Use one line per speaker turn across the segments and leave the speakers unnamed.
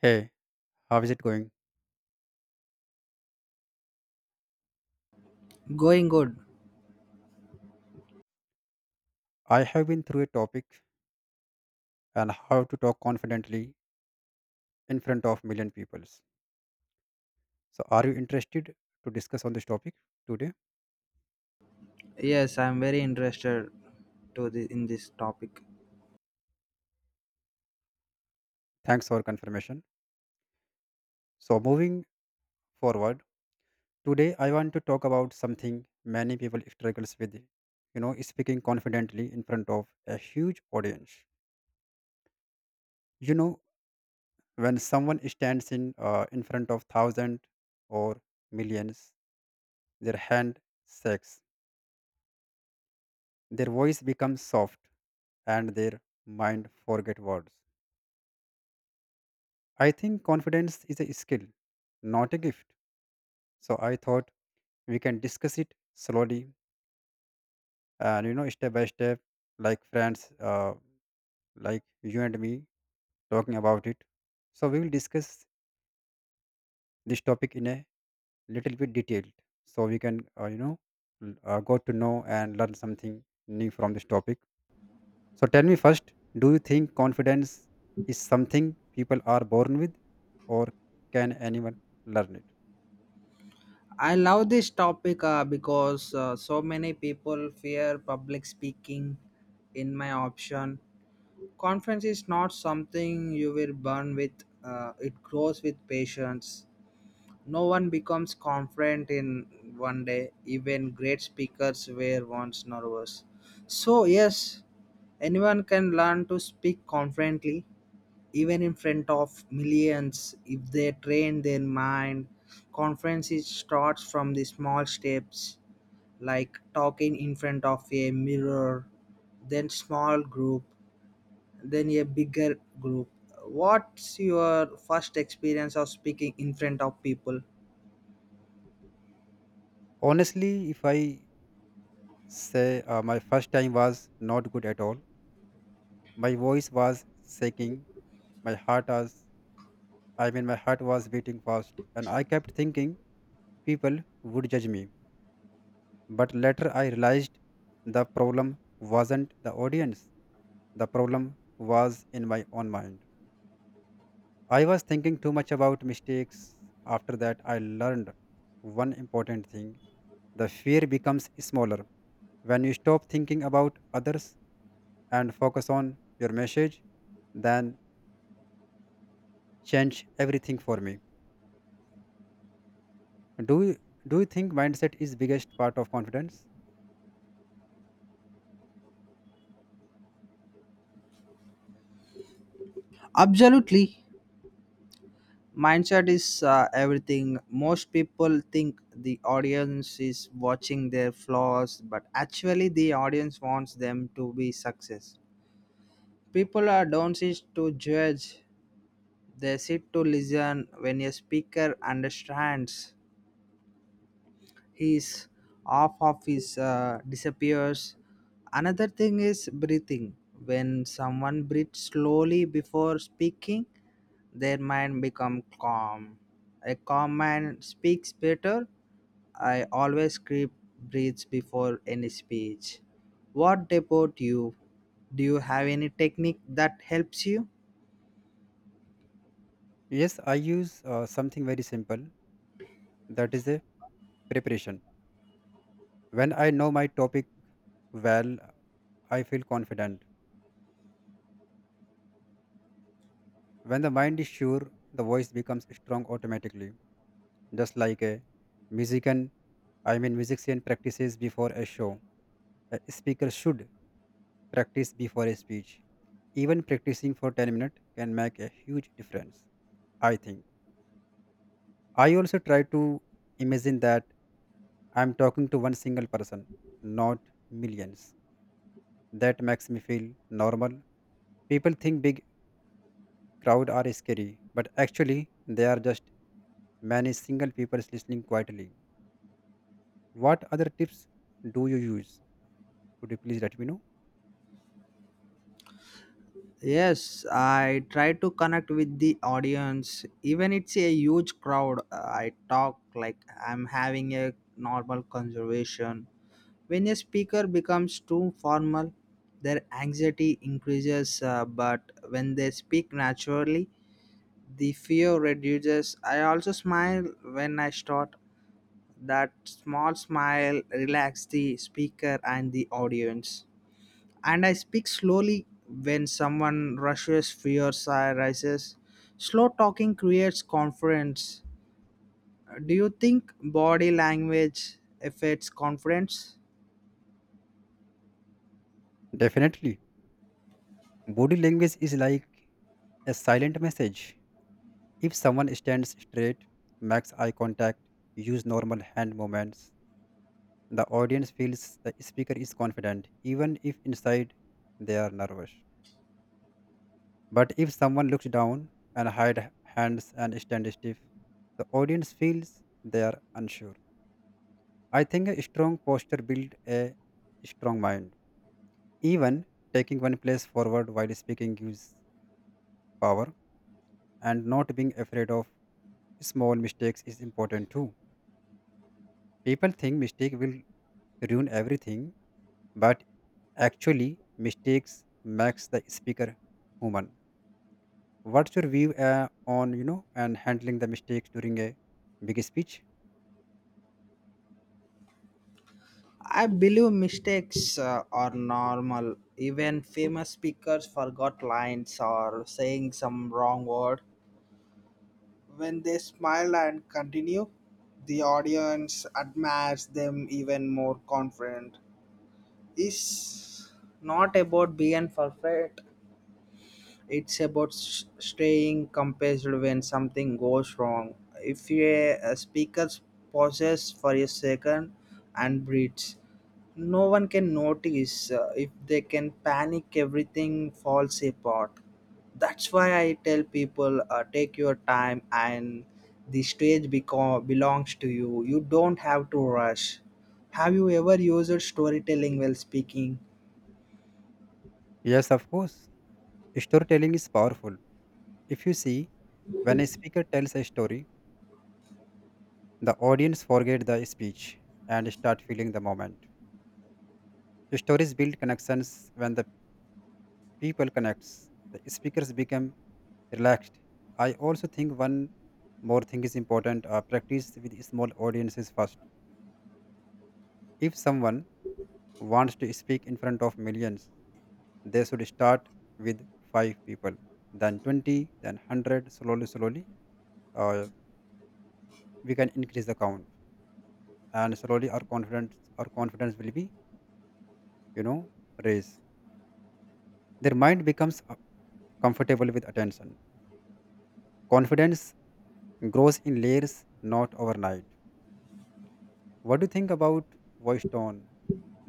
Hey, how is it going?
Going good.
I have been through a topic and how to talk confidently in front of million peoples. So are you interested to discuss on this topic today?
Yes, I'm very interested to the in this topic.
Thanks for confirmation. So moving forward, today I want to talk about something many people struggles with, you know, speaking confidently in front of a huge audience. You know, when someone stands in front of thousand or millions, their hand shakes, their voice becomes soft and their mind forget words. I think confidence is a skill, not a gift. So I thought we can discuss it slowly and, you know, step by step, like friends, like you and me talking about it. So we will discuss this topic in a little bit detailed, so we can you know, go to know and learn something new from this topic. So tell me first, do you think confidence is something people are born with, or can anyone learn it?
I love this topic because so many people fear public speaking. In my option, conference is not something you will burn with. It grows with patience. No one becomes confident in one day. Even great speakers were once nervous. So yes, anyone can learn to speak confidently even in front of millions if they train their mind conference is starts from the small steps, like talking in front of a mirror, then small group, then a bigger group. What's your first experience of speaking in front of people?
Honestly, if I say my first time was not good at all. My voice was shaking, my heart was I mean, my heart was beating fast and I kept thinking people would judge me. But later I realized the problem wasn't the audience. The problem was in my own mind. I was thinking too much about mistakes. After that I learned one important thing. The fear becomes smaller when you stop thinking about others and focus on your message than change everything for me. Do you, do you think mindset is biggest part of confidence?
Absolutely, mindset is everything. Most people think the audience is watching their flaws, but actually the audience wants them to be success. People are don't sit to judge, they sit to listen. When a speaker understands his off of his disappears. Another thing is breathing. When someone breathes slowly before speaking, their mind become calm. A calm mind speaks better. I always keep breathes before any speech. What about you? Do you have any technique that helps you?
Yes, I use something very simple, that is a preparation. When I know my topic well, I feel confident. When the mind is sure, the voice becomes strong automatically, just like a musician. I mean, musician practices before a show. A speaker should practice before a speech. Even practicing for 10 minutes can make a huge difference, I think. I also try to imagine that I'm talking to one single person, not millions. That makes me feel normal. People think big crowd are scary, but actually they are just many single people listening quietly. What other tips do you use? Could you please let me know?
Yes, I try to connect with the audience. Even it's a huge crowd, I talk like I'm having a normal conversation. When a speaker becomes too formal, their anxiety increases, but when they speak naturally, the fear reduces. I also smile when I start. That small smile relaxes the speaker and the audience, and I speak slowly. When someone rushes, fears rises. Slow talking creates confidence. Do you think body language affects confidence?
Definitely. Body language is like a silent message. If someone stands straight, makes eye contact, use normal hand movements, the audience feels the speaker is confident, even if inside they are nervous. But if someone looks down and hide hands and stand stiff, the audience feels they are unsure. I think a strong posture builds a strong mind. Even taking one place forward while speaking gives power, and not being afraid of small mistakes is important too. People think mistake will ruin everything, but actually mistakes makes the speaker human. What's your view on, you know, and handling the mistakes during a big speech?
I believe mistakes are normal. Even famous speakers forgot lines or saying some wrong word. When they smile and continue, the audience admires them even more confident. It's not about being perfect. It's about staying composed when something goes wrong. If a speaker pauses for a second and breathes, no one can notice. If they can panic, everything falls apart. That's why I tell people take your time, and the belongs to you. You don't have to rush. Have you ever used storytelling while speaking?
Yes, of course. Storytelling is powerful. If you see, when a speaker tells a story, the audience forget the speech and start feeling the moment. Stories build connections when the people connects. The speakers become relaxed. I also think one more thing is important, practice with small audiences first. If someone wants to speak in front of millions, they should start with five people, then 20, then 100. Slowly, slowly, uh, we can increase the count, and slowly our confidence will be, you know, raised. Their mind becomes comfortable with attention. Confidence grows in layers, not overnight. What do you think about voice tone?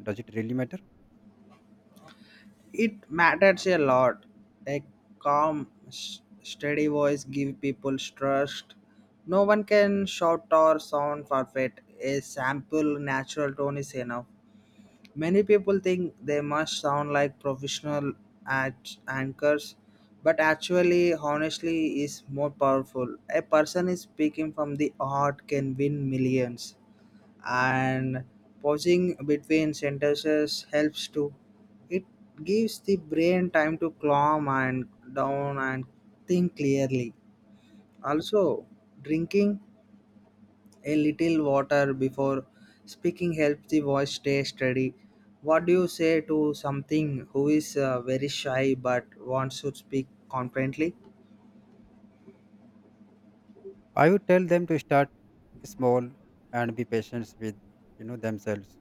Does it really matter?
It matters a lot. A calm, steady voice gives people trust. No one can shout or sound perfect. A simple, natural tone is enough. Many people think they must sound like professional anchors, but actually, honestly, is more powerful. A person is speaking from the heart can win millions, and pausing between sentences helps too. It gives the brain time to calm and down and think clearly. Also, drinking a little water before speaking helps the voice stay steady. What do you say to something who is very shy but wants to speak confidently?
I would tell them to start small and be patient with, you know, themselves.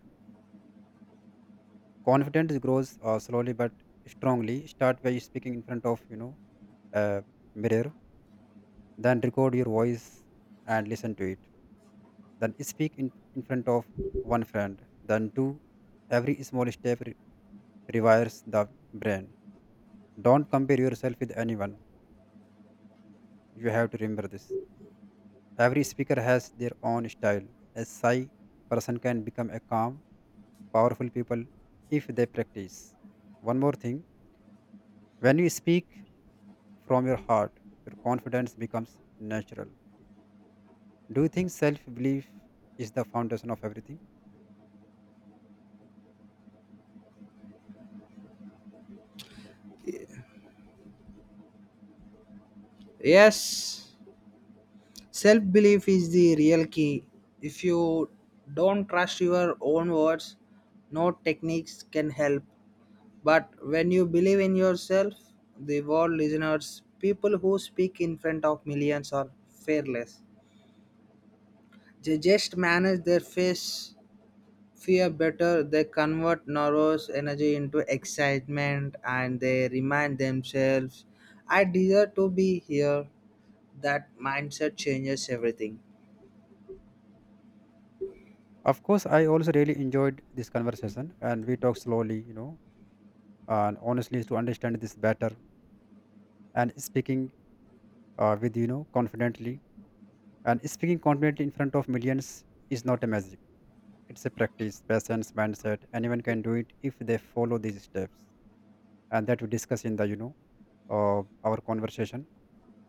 Confidence grows slowly but strongly. Start by speaking in front of, you know, a mirror, then record your voice and listen to it. Then speak in front of one friend, then two. Every small step rewires the brain. Don't compare yourself with anyone. You have to remember this. Every speaker has their own style. A shy person can become a calm powerful people if they practice. One more thing, when you speak from your heart, your confidence becomes natural. Do you think self belief is the foundation of everything?
Yes, self belief is the real key. If you don't trust your own words, no techniques can help. But when you believe in yourself, the world listeners, people who speak in front of millions are fearless. They just manage their face fear better. They convert nervous energy into excitement, and they remind themselves, I deserve to be here. That mindset changes everything.
Of course, I also really enjoyed this conversation and we talked slowly, you know, and honestly, to understand this better and speaking with, you know, confidently. And speaking confidently in front of millions is not a magic. It's a practice, patience, mindset. Anyone can do it if they follow these steps. And that we discuss in the, you know, our conversation.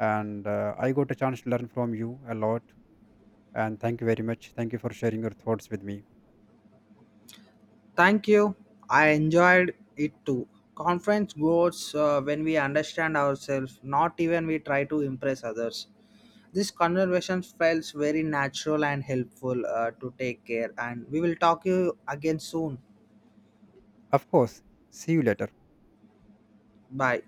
And I got a chance to learn from you a lot. And thank you very much. Thank you for sharing your thoughts with me.
Thank you. I enjoyed it too. Conference goes when we understand ourselves, not even we try to impress others. This conversation felt very natural and helpful to take care, and we will talk you again soon.
Of course, see you later.
Bye.